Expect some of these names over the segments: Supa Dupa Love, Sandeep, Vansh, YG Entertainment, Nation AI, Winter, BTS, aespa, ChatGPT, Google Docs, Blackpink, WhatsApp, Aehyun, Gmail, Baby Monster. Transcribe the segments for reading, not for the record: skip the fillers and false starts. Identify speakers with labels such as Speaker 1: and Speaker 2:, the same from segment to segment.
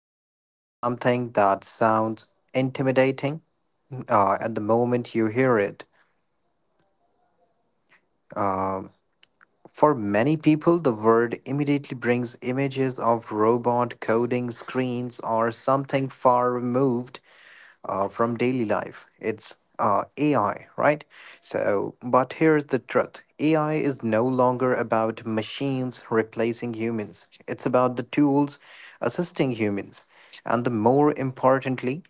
Speaker 1: about something that sounds intimidating at the moment you hear it. Um for many people, the word immediately brings images of robot coding screens or something far removed from daily life. It's AI, right? So, but here's the truth: AI is no longer about machines replacing humans, it's about the tools assisting humans. And the more importantly,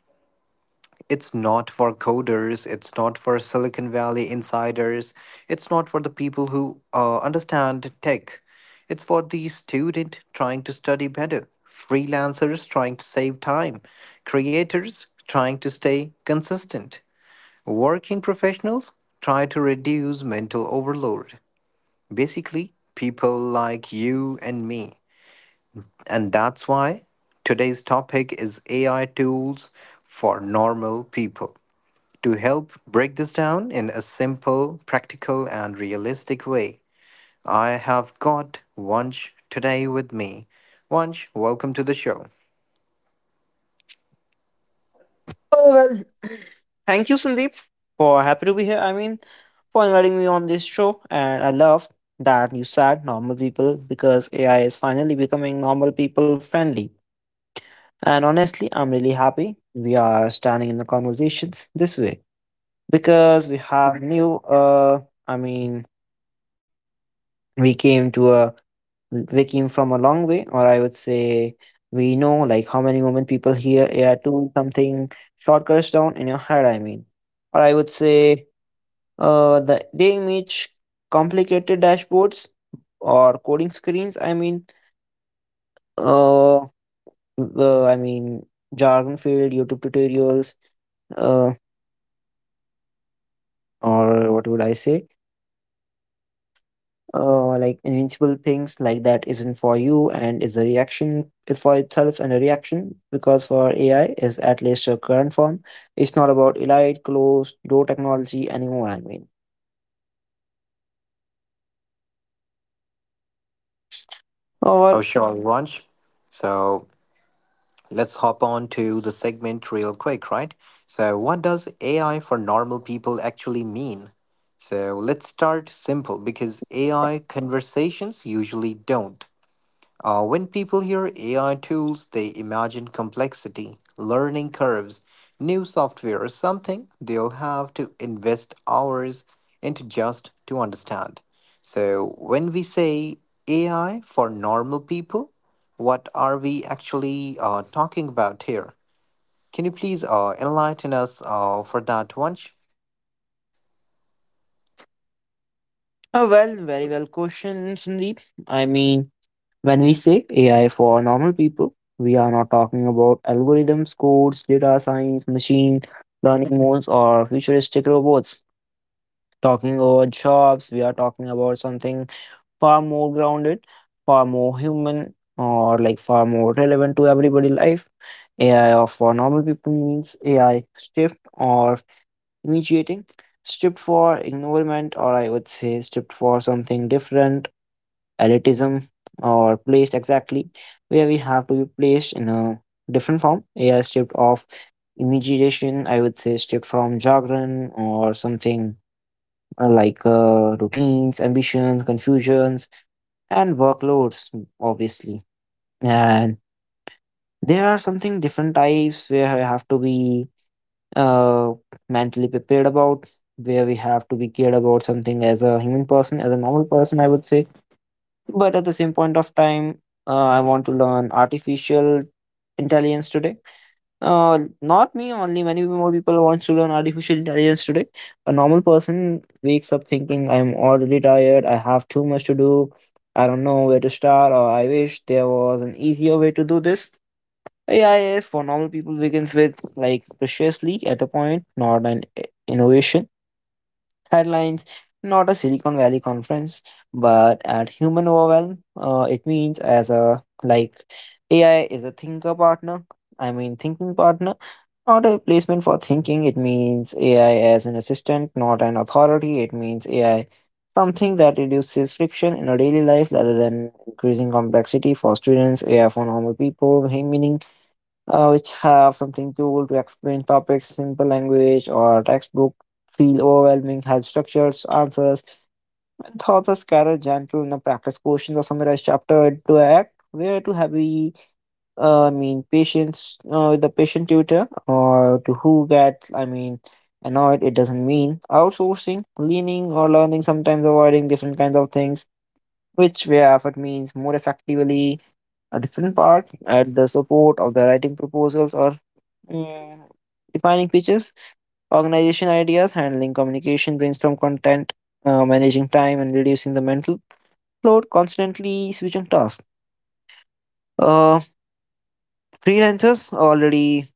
Speaker 1: it's not for coders, it's not for Silicon Valley insiders, it's not for the people who understand tech. It's for the student trying to study better, freelancers trying to save time, creators trying to stay consistent, working professionals try to reduce mental overload. Basically, people like you and me. And that's why today's topic is AI tools for normal people. To help break this down in a simple, practical, and realistic way, I have got Vansh today with me. Vansh, welcome to the show.
Speaker 2: Oh, well, Thank you, Sandeep, for happy to be here. For inviting me on this show, and I love that you said normal people because AI is finally becoming normal people friendly. And honestly, I'm really happy we are standing in the conversations this way because we have new. I mean, we came to a we came from a long way, or I would say we know like how many moment people hear AI tool something shortcuts down in your head. I mean, or I would say they image complicated dashboards or coding screens. Uh, uh, I mean Jargon filled YouTube tutorials, uh, or what would I say? Like invincible things like that isn't for you and is a reaction is for itself and a reaction because for AI is at least a current form. It's not about elite, closed door technology anymore.
Speaker 1: Oh,
Speaker 2: Or
Speaker 1: sure, Vansh. So let's hop on to the segment real quick, right? So, what does AI for normal people actually mean? So, let's start simple because AI conversations usually don't. When people hear AI tools, they imagine complexity, learning curves, new software, or something they'll have to invest hours into just to understand. So, when we say AI for normal people, what are we actually talking about here? Can you please enlighten us for that, Vansh?
Speaker 2: Very well question, Sandeep. I mean, When we say AI for normal people, we are not talking about algorithms, codes, data science, machine learning models, or futuristic robots. Talking about jobs, we are talking about something far more grounded, far more human, or like far more relevant to everybody life. AI of for normal people means AI stripped or initiating, stripped for environment, or I would say stripped for something different elitism or placed exactly where we have to be placed in a different form. AI stripped of imagination, I would say stripped from jargon or something routines, ambitions, confusions, and workloads, obviously. And there are something different types where I have to be uh, mentally prepared about, where we have to be cared about something as a human person, as a normal person, I would say but at the same point of time I want to learn artificial intelligence today. Not me only, many more people want to learn artificial intelligence today. A normal person wakes up thinking I'm already tired, I have too much to do, I don't know where to start, or I wish there was an easier way to do this. AI for normal people begins with like preciously at a point, not an innovation headlines, not a Silicon Valley conference, but at human overwhelm. It means as a like AI is a thinker partner I mean thinking partner, not a replacement for thinking. It means AI as an assistant, not an authority. It means AI something that reduces friction in our daily life rather than increasing complexity. For students, AI for normal people meaning which have something cool to explain topics, simple language, or textbook feel overwhelming, help structures, answers, and thoughts are scattered gentle and a practice questions, or summarize chapter into act. Where to have we, patience with the patient tutor or to who gets, annoyed, it doesn't mean outsourcing, leaning or learning, sometimes avoiding different kinds of things, which where effort means more effectively a different part at the support of the writing proposals or Mm, defining pitches, organization ideas, handling communication, brainstorm content, managing time, and reducing the mental load, constantly switching tasks. Uh, Freelancers already,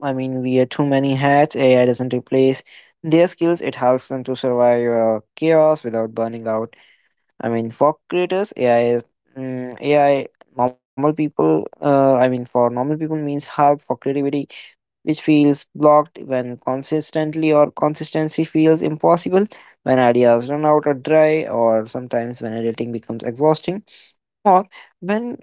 Speaker 2: wear too many hats. AI doesn't replace their skills, it helps them to survive chaos without burning out. For creators, AI is mm AI. Normal people, for normal people means help for creativity which feels blocked when consistently or consistency feels impossible, when ideas run out or dry, or sometimes when editing becomes exhausting, or when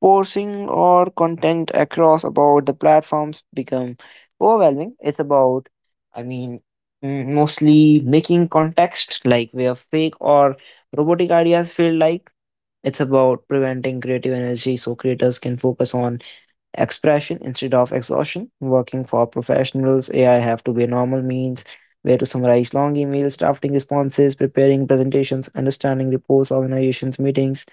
Speaker 2: reposing or content across about the platforms become overwhelming. It's about, i mean mostly making context like where fake or robotic ideas feel like. It's about preventing creative energy so creators can focus on expression instead of exhaustion. Working for professionals, AI have to be a normal means where to summarize long emails, drafting responses, preparing presentations, understanding reports, organizations, meetings,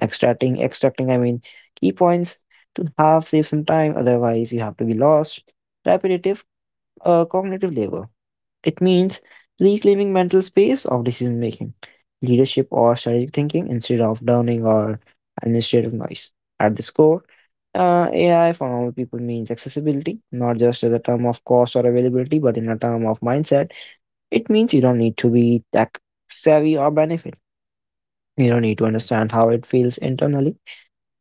Speaker 2: extracting key points to have save some time. Otherwise, you have to be lost. Repetitive cognitive labor. It means reclaiming mental space of decision making, leadership, or strategic thinking instead of downing or administrative noise. At this core, AI for normal people means accessibility, not just as a term of cost or availability, but in a term of mindset. It means you don't need to be tech savvy or benefit. You don't need to understand how it feels internally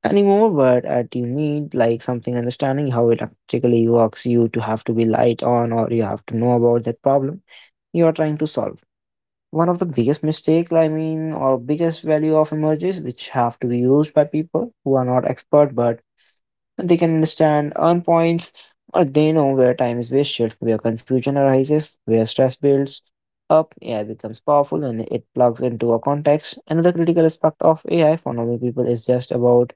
Speaker 2: anymore, but at you need like something understanding how it actually works. You to have to be light on, or you have to know about that problem you are trying to solve. One of the biggest mistake, or biggest value of emojis, which have to be used by people who are not expert, but they can understand, earn points, or they know where time is wasted, where confusion arises, where stress builds up. AI becomes powerful when it plugs into a context. Another critical aspect of AI for normal people is just about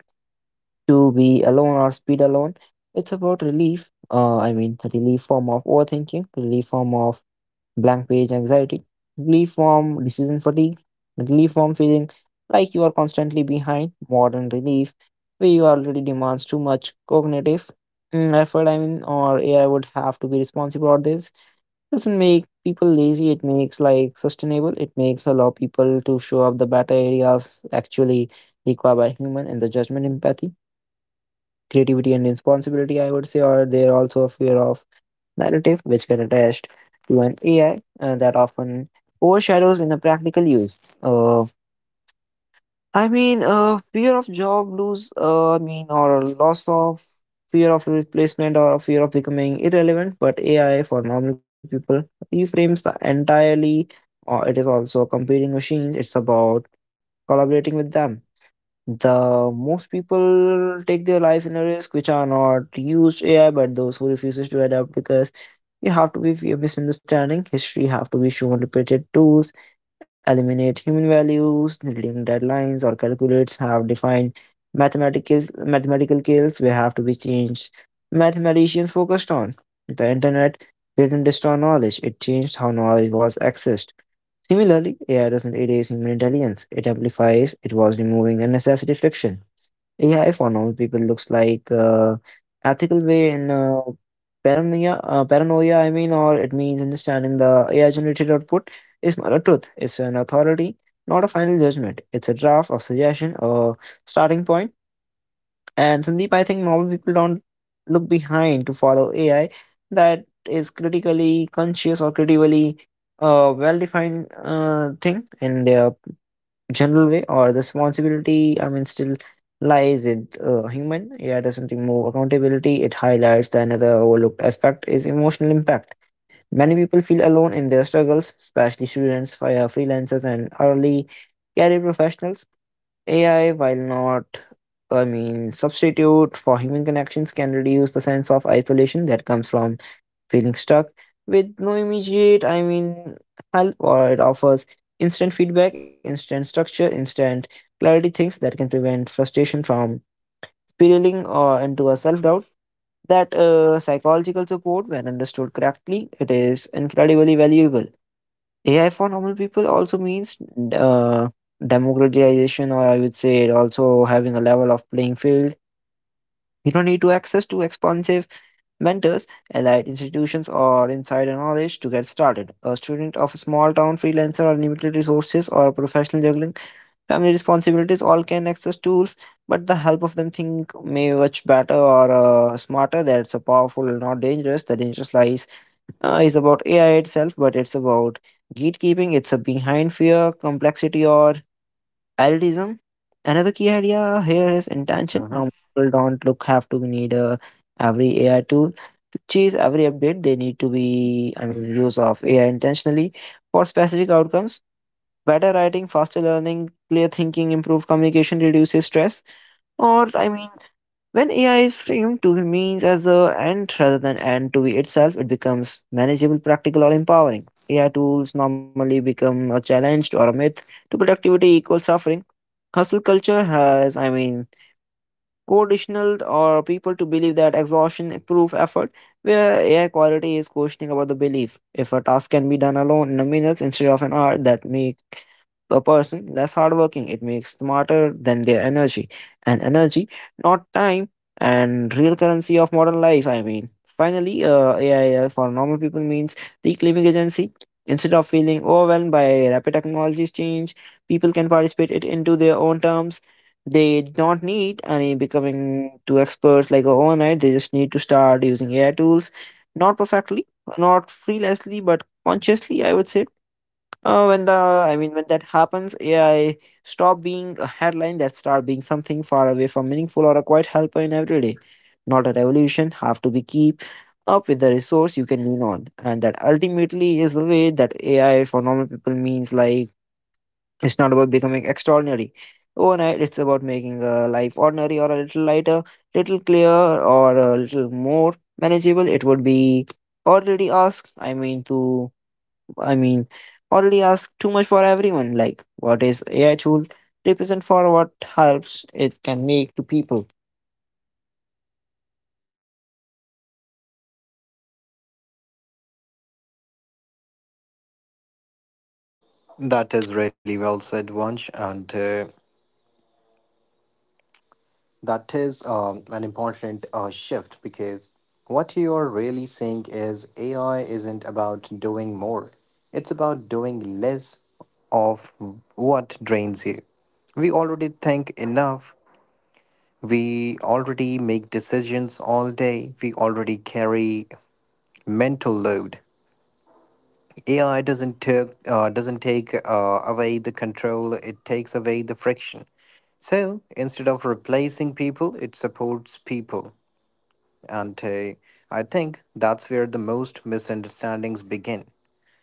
Speaker 2: to be alone or speed alone. It's about relief. The relief form of overthinking, relief form of blank page anxiety, relief from decision fatigue, relief from feeling like you are constantly behind, modern relief, where you already demands too much cognitive effort, or AI would have to be responsible for this. Doesn't make people lazy, it makes like sustainable, it makes allow people to show up the better areas actually required by human and the judgment empathy. Creativity and responsibility, I would say, or they're also a fear of narrative which get attached to an AI that often overshadows in a practical use. Uh, Fear of job lose. Or loss of fear of replacement or fear of becoming irrelevant, but AI for normal people reframes the entirely, or it is also competing machines, it's about collaborating with them. The most people take their life in a risk which are not used AI, but those who refuses to adapt because we have to be fear misunderstanding. History have to be shown repeated tools, eliminate human values, leading deadlines, or calculates have defined mathematical skills. We have to be changed. Mathematicians focused on the internet didn't destroy knowledge; it changed how knowledge was accessed. Similarly, AI doesn't erase human intelligence; it amplifies. It was removing unnecessary friction. AI for normal people looks like ethical way in paranoia, or it means understanding the AI generated output is not a truth. It's an authority, not a final judgment. It's a draft, or suggestion, or starting point. And Sandeep, I think normal people don't look behind to follow AI that is critically conscious or critically well-defined thing in their general way, or the responsibility still lies with human. AI doesn't remove accountability, it highlights the another overlooked aspect is emotional impact. Many people feel alone in their struggles, especially students, fire freelancers, and early career professionals. AI, while not, substitute for human connections, can reduce the sense of isolation that comes from feeling stuck with no immediate, help, or it offers instant feedback, instant structure, instant clarity, things that can prevent frustration from spiraling or into a self doubt. That psychological support, when understood correctly, it is incredibly valuable. AI for normal people also means uh, democratization, or I would say it also having a level of playing field. You don't need to access to expensive mentors, allied institutions, or insider knowledge to get started. A student of a small town, freelancer, or limited resources, or professional juggling family responsibilities all can access tools, but the help of them think may much better or smarter. That's a powerful, not dangerous. The dangerous lies is about AI itself, but it's about gatekeeping. It's a behind fear, complexity, or elitism. Another key idea here is intention.
Speaker 1: Mhm.
Speaker 2: Now, people don't look have to need every AI tool to chase every update. They need to be, use of AI intentionally for specific outcomes. Better writing, faster learning, clear thinking, improved communication reduces stress. Or, I mean, when AI is framed to be means as a end rather than end to be itself, it becomes manageable, practical, or empowering. AI tools normally become a challenge or a myth to productivity equals suffering. Hustle culture has, conditioned or people to believe that exhaustion proof effort, where AI quality is questioning about the belief. If a task can be done alone in a minute instead of an hour, that makes a person less hardworking. It makes smarter than their energy. And energy, not time, and real currency of modern life, Finally, AI for normal people means reclaiming agency. Instead of feeling overwhelmed by rapid technology's change, people can participate it into their own terms. They don't need any becoming to experts like overnight. They just need to start using AI tools, not perfectly, not freelessly, but consciously, I would say. Uh, when the I mean when that happens, AI stop being a headline that start being something far away from meaningful or a quiet helper in everyday. Not a revolution, have to be keep up with the resource you can lean on. And that ultimately is the way that AI for normal people means like it's not about becoming extraordinary. Overnight, it's about making a life ordinary or a little lighter, little clearer, or a little more manageable. It would be already asked, I mean, already ask too much for everyone. Like, what is AI tool represent for what helps it can make to people?
Speaker 1: That is really well said, Vansh, and that is an important shift because what you're really saying is AI isn't about doing more, it's about doing less of what drains you. We already think enough, we already make decisions all day, we already carry mental load. AI doesn't take away the control; it takes away the friction. So instead of replacing people, it supports people. And I think that's where the most misunderstandings begin.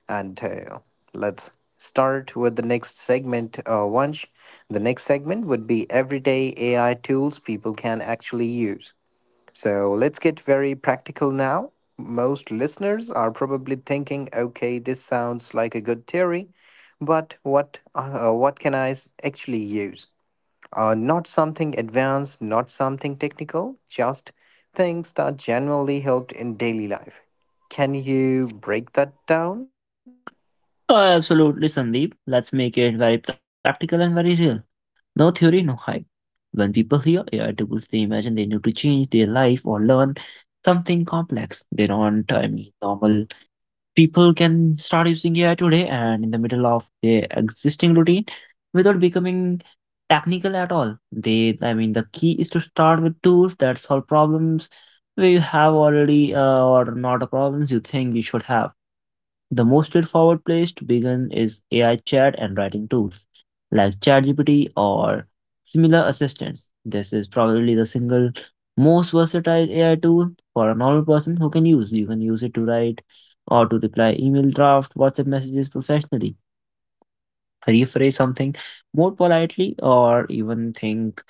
Speaker 1: And Let's start with the next segment, Vansh. The next segment would be everyday AI tools people can actually use. So let's get very practical now. Most listeners are probably thinking, okay, this sounds like a good theory, but what can I actually use? Not something advanced, not something technical, just things that genuinely helped in daily life. Can you break that down?
Speaker 2: Oh, absolutely, Sandeep. Let's make it very practical and very real. No theory, no hype. When people hear AI tools, they imagine they need to change their life or learn something complex. They don't, I mean, normal people can start using AI today and in the middle of their existing routine without becoming technical at all. They, I mean, the key is to start with tools that solve problems where you have already or not a problems you think you should have. The most straightforward place to begin is AI chat and writing tools like ChatGPT or similar assistants. This is probably the single most versatile AI tool for a normal person who can use. You can use it to write or to reply email draft, WhatsApp messages professionally rephrase something more politely or even think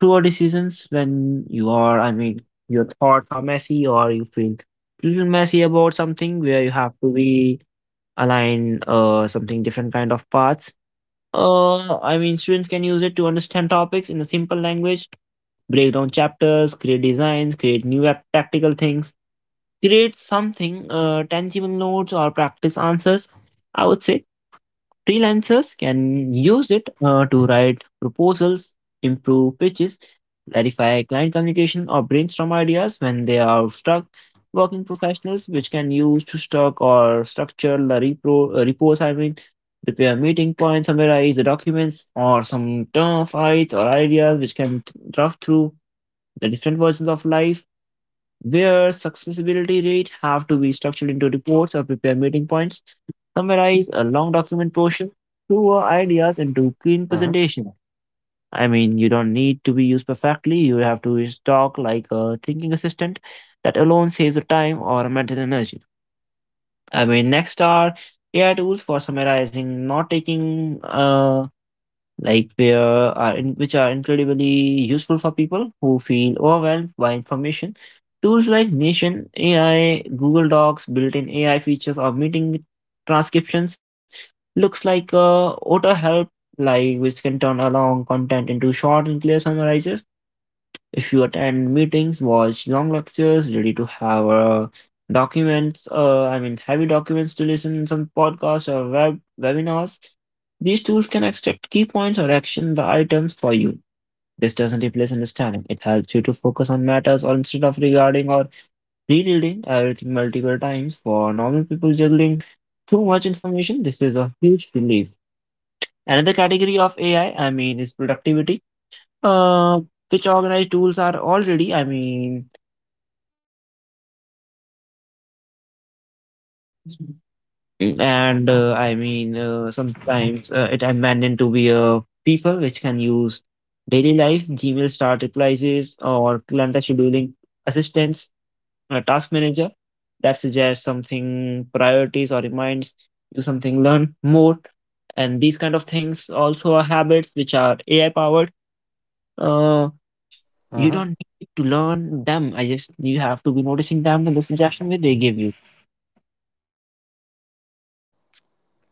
Speaker 2: through your decisions when your thoughts are messy or you feel little messy about something where you have to be align something different kind of paths. I mean students can use it to understand topics in a simple language, break down chapters, create designs, create tactical things, create something tangible notes or practice answers, I would say. Freelancers can use it to write proposals, improve pitches, clarify client communication, or brainstorm ideas when they are stuck. Working professionals, which can use to stock or structure the reports, I mean, prepare meeting points, summarize the documents, or some term fights or ideas which draft through the different versions of life where successibility rate have to be structured into reports or prepare meeting points, summarize a long document portion, two or ideas into clean
Speaker 1: Hmm.
Speaker 2: presentation. I mean, you don't need to be used perfectly. You have to just talk like a thinking assistant. That alone saves the time or mental energy. I mean, next are AI tools for summarizing, not taking like where are in, which are incredibly useful for people who feel overwhelmed by information. Tools like Nation AI, Google Docs, built-in AI features, or meeting transcriptions looks like a auto help, like which can turn along content into short and clear summarizes if you attend meetings, watch long lectures, ready to have documents, I mean, heavy documents to listen some podcasts or webinars, these tools can extract key points or action the items for you. This doesn't replace understanding. It helps you to focus on matters or instead of regarding or rereading everything multiple times. For normal people juggling too much information, this is a huge relief. Another category of ai I mean is productivity, uh, which organized tools are already, I mean, mm, and sometimes it abandoned to be a people which can use daily life gmail start replies or calendar scheduling assistance, a task manager that suggests something priorities or reminds you something, learn more, and these kind of things also are habits which are AI powered. Uh. You
Speaker 1: Hmm.
Speaker 2: don't need to learn them. I just You have to be noticing them in the suggestion that they give you.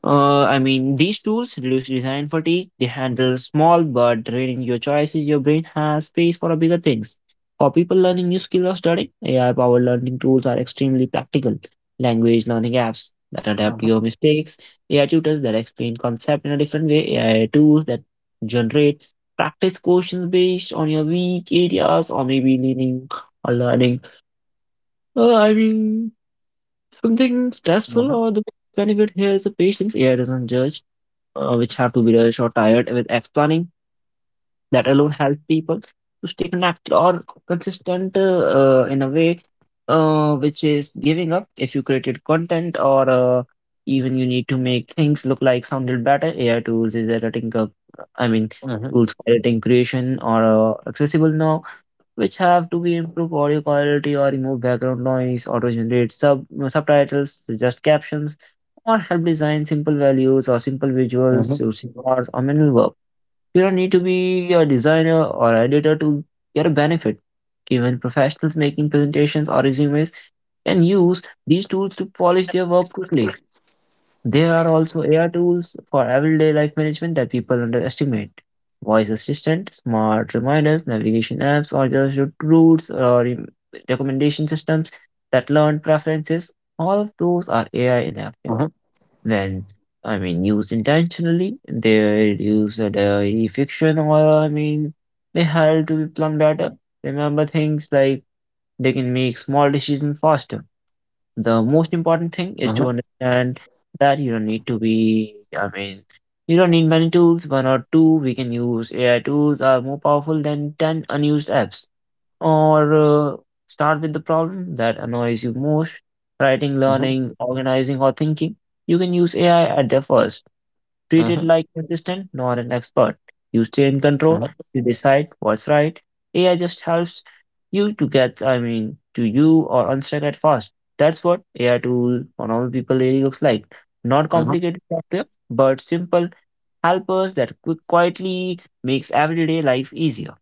Speaker 2: I mean, these tools reduce design fatigue. They handle small but draining your choices. Your brain has space for bigger things. For people learning new skills or studying, AI-powered learning tools are extremely practical. Language learning apps that adapt
Speaker 1: Hmm.
Speaker 2: your mistakes, AI tutors that explain concept in a different way, AI tools that generate practice questions based on your weak areas or maybe leaning or learning. I mean, something stressful
Speaker 1: Hmm.
Speaker 2: or the benefit here is the patience. AI doesn't judge, which have to be rushed or tired with explaining. That alone helps people to stay connected or consistent in a way, which is giving up. If you created content or even you need to make things look like sounded better, AI tools is editing. I mean,
Speaker 1: Hmm.
Speaker 2: tools for editing creation or accessible now, which have to be improved audio quality or remove background noise, auto-generate subtitles, suggest captions, or help design simple values or simple visuals
Speaker 1: Hmm.
Speaker 2: using words or manual work. You don't need to be a designer or editor to get a benefit. Even professionals making presentations or resumes can use these tools to polish their work quickly. There are also AI tools for everyday life management that people underestimate. Voice assistant, smart reminders, navigation apps, or just your routes or recommendation systems that learn preferences. All of those are AI in action. When, I mean, used intentionally, they reduce the daily fiction or, I mean, they help to plan better, remember things, like they can make small decisions faster. The most important thing
Speaker 1: Hmm.
Speaker 2: is to understand that you don't need to be, I mean, you don't need many tools. One or two we can use AI tools are more powerful than 10 unused apps, or start with the problem that annoys you most: writing, learning, organizing, or thinking. You can use AI at their first, treated like assistant, not an expert. You stay in control,
Speaker 1: Hmm.
Speaker 2: you decide what's right. AI just helps you to get, I mean, to you or unstuck at fast. That's what AI tool for normal people really looks like. Not
Speaker 1: Hmm.
Speaker 2: complicated software, but simple helpers that quietly makes everyday life easier.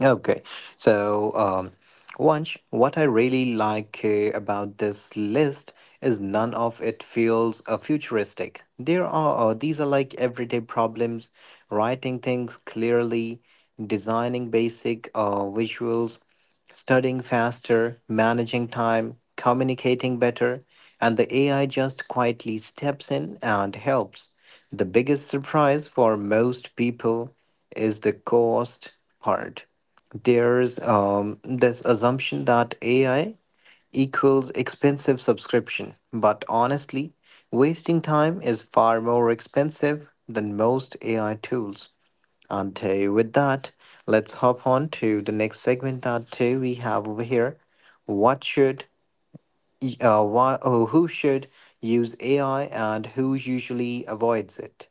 Speaker 1: Okay, so Vansh, what I really like about this list is none of it feels futuristic. There are these are like everyday problems: writing things clearly, designing basic visuals, studying faster, managing time, communicating better, and the AI just quietly steps in and helps. The biggest surprise for most people is the cost part. There's this assumption that AI equals expensive subscription, but honestly, wasting time is far more expensive than most AI tools. And with that, let's hop on to the next segment that we have over here. What should, why, or who should use AI and who usually avoids it?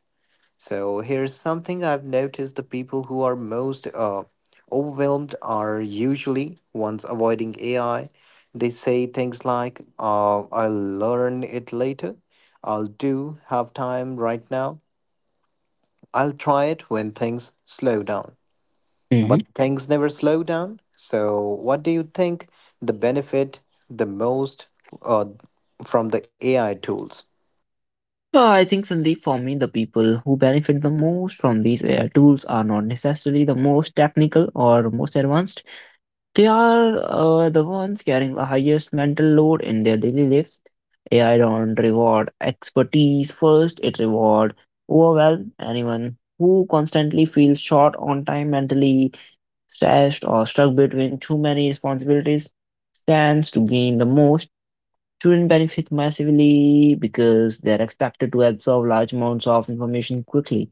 Speaker 1: So here's something I've noticed: the people who are most overwhelmed are usually ones avoiding AI. They say things like, "I'll learn it later," "I'll do have time right now," "I'll try it when things slow down." But
Speaker 2: Mhm.
Speaker 1: things never slow down. So, what do you think the benefit the most uh, from the AI tools?
Speaker 2: I think Sandeep, for me, the people who benefit the most from these AI tools are not necessarily the most technical or most advanced. They are the ones carrying the highest mental load in their daily lives. AI don't reward expertise first, it rewards overwhelm. Anyone who constantly feels short on time, mentally stressed, or stuck between too many responsibilities stands to gain the most. Children benefit massively because they are expected to absorb large amounts of information quickly,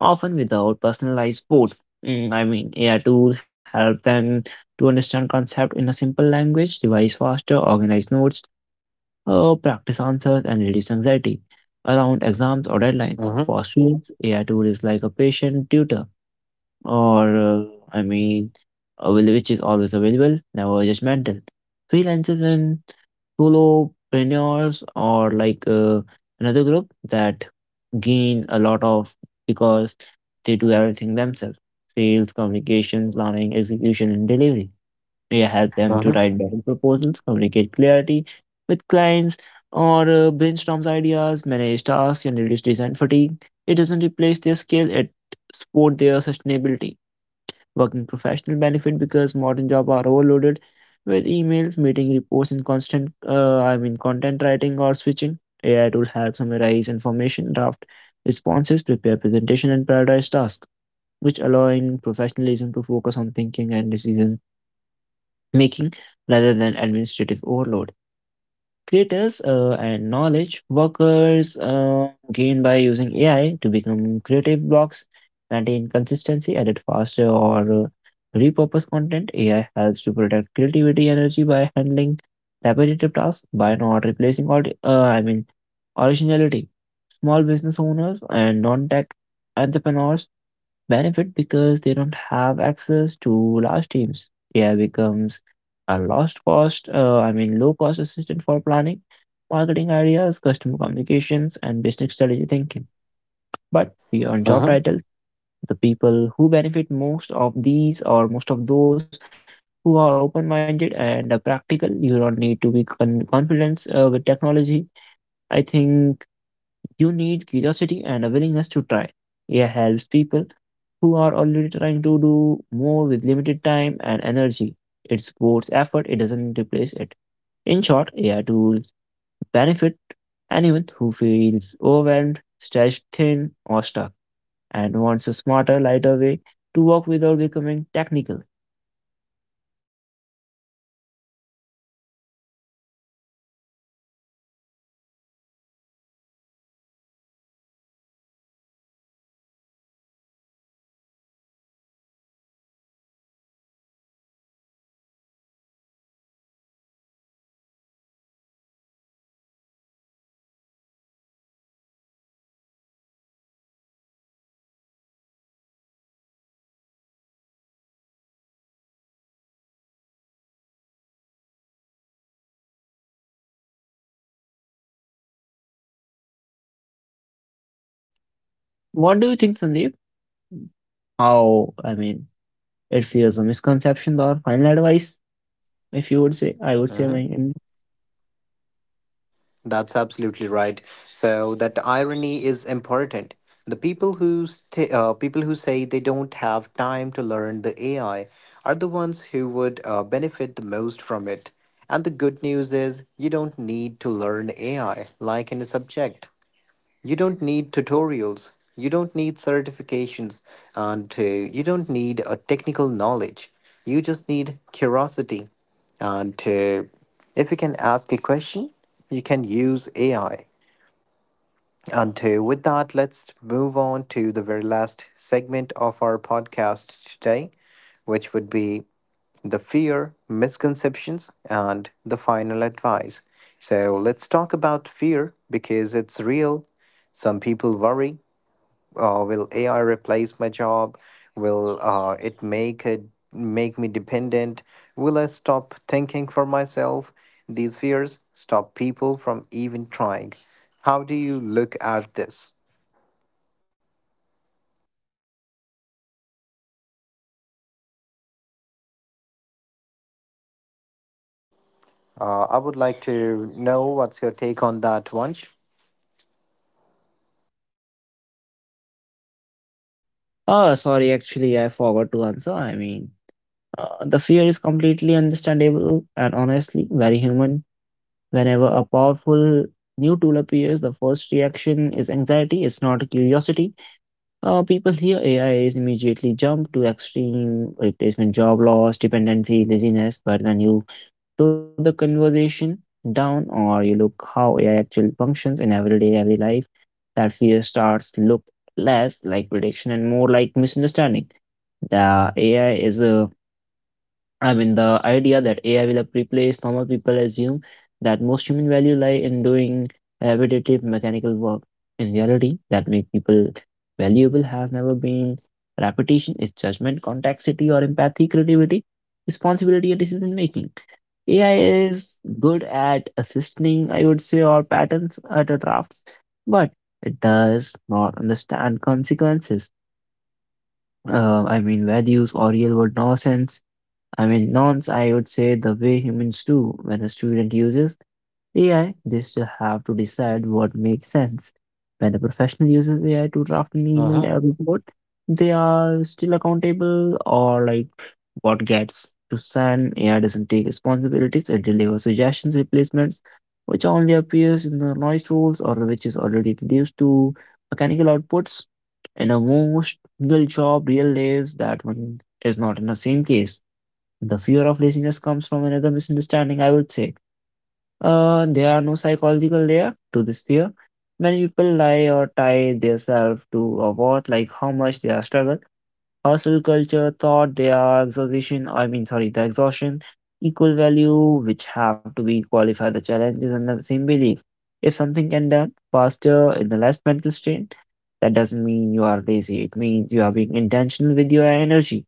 Speaker 2: often without personalized support. Mm, I mean, AI tools help them to understand concept in a simple language, revise faster, organize notes, practice answers, and reduce anxiety around exams or deadlines.
Speaker 1: Mm-hmm.
Speaker 2: For students, AI tool is like a patient tutor, or I mean, which is always available, never judgmental. Freelancers and solopreneurs or like another group that gain a lot of because they do everything themselves: sales communication, planning, execution, and delivery. They help them to
Speaker 1: Mm-hmm.
Speaker 2: write better proposals, communicate clarity with clients, or brainstorms ideas, manage tasks, and reduce design fatigue. It doesn't replace their skill, it support their sustainability. Working professional benefit because modern jobs are overloaded with emails, meeting reports, and constant, I mean, content writing or switching. AI tool help summarize information, draft responses, prepare presentation, and prioritize tasks, which allowing professionalism to focus on thinking and decision making rather than administrative overload. Creators and knowledge workers gain by using AI to become creative blocks, maintain consistency, edit faster, or repurpose content. AI helps to protect creativity energy by handling repetitive tasks by not replacing all. I mean, originality. Small business owners and non-tech entrepreneurs benefit because they don't have access to large teams. AI becomes a lost cost, I mean, low cost assistant for planning, marketing ideas, customer communications, and business strategy thinking. But beyond job
Speaker 1: Mm-hmm.
Speaker 2: titles, the people who benefit most of these or most of those who are open minded and practical, you don't need to be confident with technology. I think you need curiosity and a willingness to try. AI helps people who are already trying to do more with limited time and energy. It's both effort, it doesn't replace it. In short, AI tools benefit anyone who feels overwhelmed, stretched thin, or stuck, and wants a smarter, lighter way to work without becoming technical. What do you think, Sandeep? How, I mean, it feels a misconception or final advice, if you would say, I would say,
Speaker 1: Mm-hmm.
Speaker 2: my.
Speaker 1: That's absolutely right. So that irony is important. The people who people who say they don't have time to learn the AI are the ones who would benefit the most from it. And the good news is you don't need to learn AI like in a subject. You don't need tutorials. You don't need certifications. And you don't need a technical knowledge. You just need curiosity. And if you can ask a question, you can use AI. Until with that, let's move on to the very last segment of our podcast today, which would be the fear, misconceptions, and the final advice. So let's talk about fear because it's real. Some people worry, will AI replace my job? Will it make me dependent? Will I stop thinking for myself? These fears stop people from even trying. How do you look at this? I would like to know what's your take on that, Vansh.
Speaker 2: Oh, sorry, actually, I forgot to answer. The fear is completely understandable and honestly very human. Whenever a powerful new tool appears, the first reaction is anxiety, it's not curiosity. People hear A is immediately jump to extreme replacement, job loss, dependency, laziness. But when you slow the conversation down or you look how AI actually functions in everyday, every life, that fear starts to look less like prediction and more like misunderstanding. The AI is a I mean, the idea that AI will replace normal people assume that most human value lie in doing repetitive mechanical work. In reality, that make people valuable has never been repetition, it's judgment, complexity, or empathy, creativity, responsibility, and decision making. AI is good at assisting, I would say, or patterns at the drafts, but it does not understand consequences. I mean, values or real world nonsense, I mean, nonce, I would say the way humans do. When a student uses AI, they still have to decide what makes sense. When a professional uses AI to draft an email
Speaker 1: Uh-huh.
Speaker 2: or report, they are still accountable or like what gets to send. AI doesn't take responsibilities, it delivers suggestions, replacements, which only appears in the noise rules or which is already reduced to mechanical outputs. In a most real job, real lives, that one is not in the same case. The fear of laziness comes from another misunderstanding, I would say. There are no psychological layer to this fear. Many people lie or tie themselves to a what, like how much they are struggle. Hustle culture thought they are exhaustion, I mean, sorry, the exhaustion, equal value, which have to be qualified the challenges and the same belief. If something can done faster in the less mental strain, that doesn't mean you are lazy. It means you are being intentional with your energy.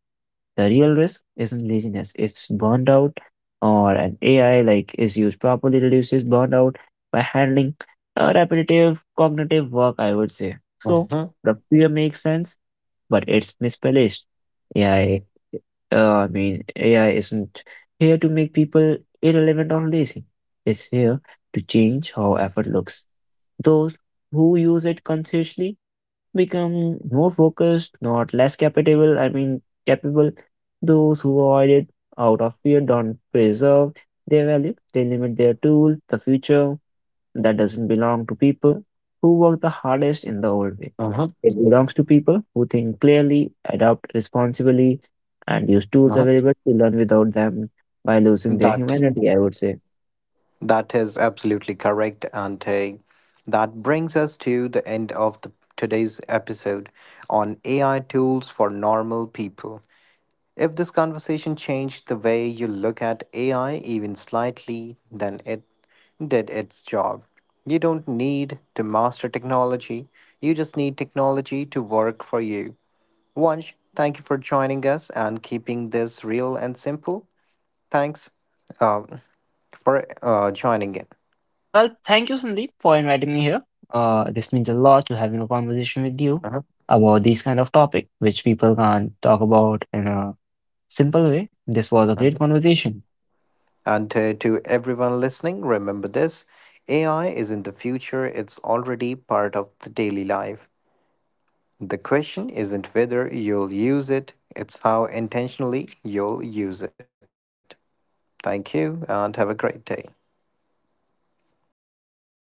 Speaker 2: The real risk isn't laziness, it's burnout, or an AI like is used properly reduces burnout by handling repetitive cognitive work, I would say. So
Speaker 1: Uh-huh.
Speaker 2: the fear makes sense, but it's misplaced. AI, uh, I mean, AI isn't here to make people irrelevant or lazy. It's here to change how effort looks. Those who use it consciously become more focused, not less capable. I mean, capable. Those who avoid it out of fear don't preserve their value. They limit their tool, the future that doesn't belong to people who work the hardest in the old way.
Speaker 1: Uh-huh.
Speaker 2: It belongs to people who think clearly, adapt responsibly, and use tools
Speaker 1: Uh-huh.
Speaker 2: available to learn without them by losing their
Speaker 1: That
Speaker 2: humanity, I would say.
Speaker 1: that is absolutely correct, and that brings us to the end of the, today's episode on AI tools for normal people. If this conversation changed the way you look at AI even slightly, then it did its job. You don't need to master technology, you just need technology to work for you. Vansh, thank you for joining us and keeping this real and simple. Thanks um, for joining in.
Speaker 2: Well, thank you, Sandeep, for inviting me here. This means a lot to having a conversation with you
Speaker 1: Uh-huh.
Speaker 2: about these kind of topic, which people can't talk about in a simple way. This was a great
Speaker 1: Uh-huh.
Speaker 2: conversation.
Speaker 1: And to everyone listening, remember this: AI is in the future, it's already part of the daily life. The question isn't whether you'll use it, it's how intentionally you'll use it. Thank you and have a great day.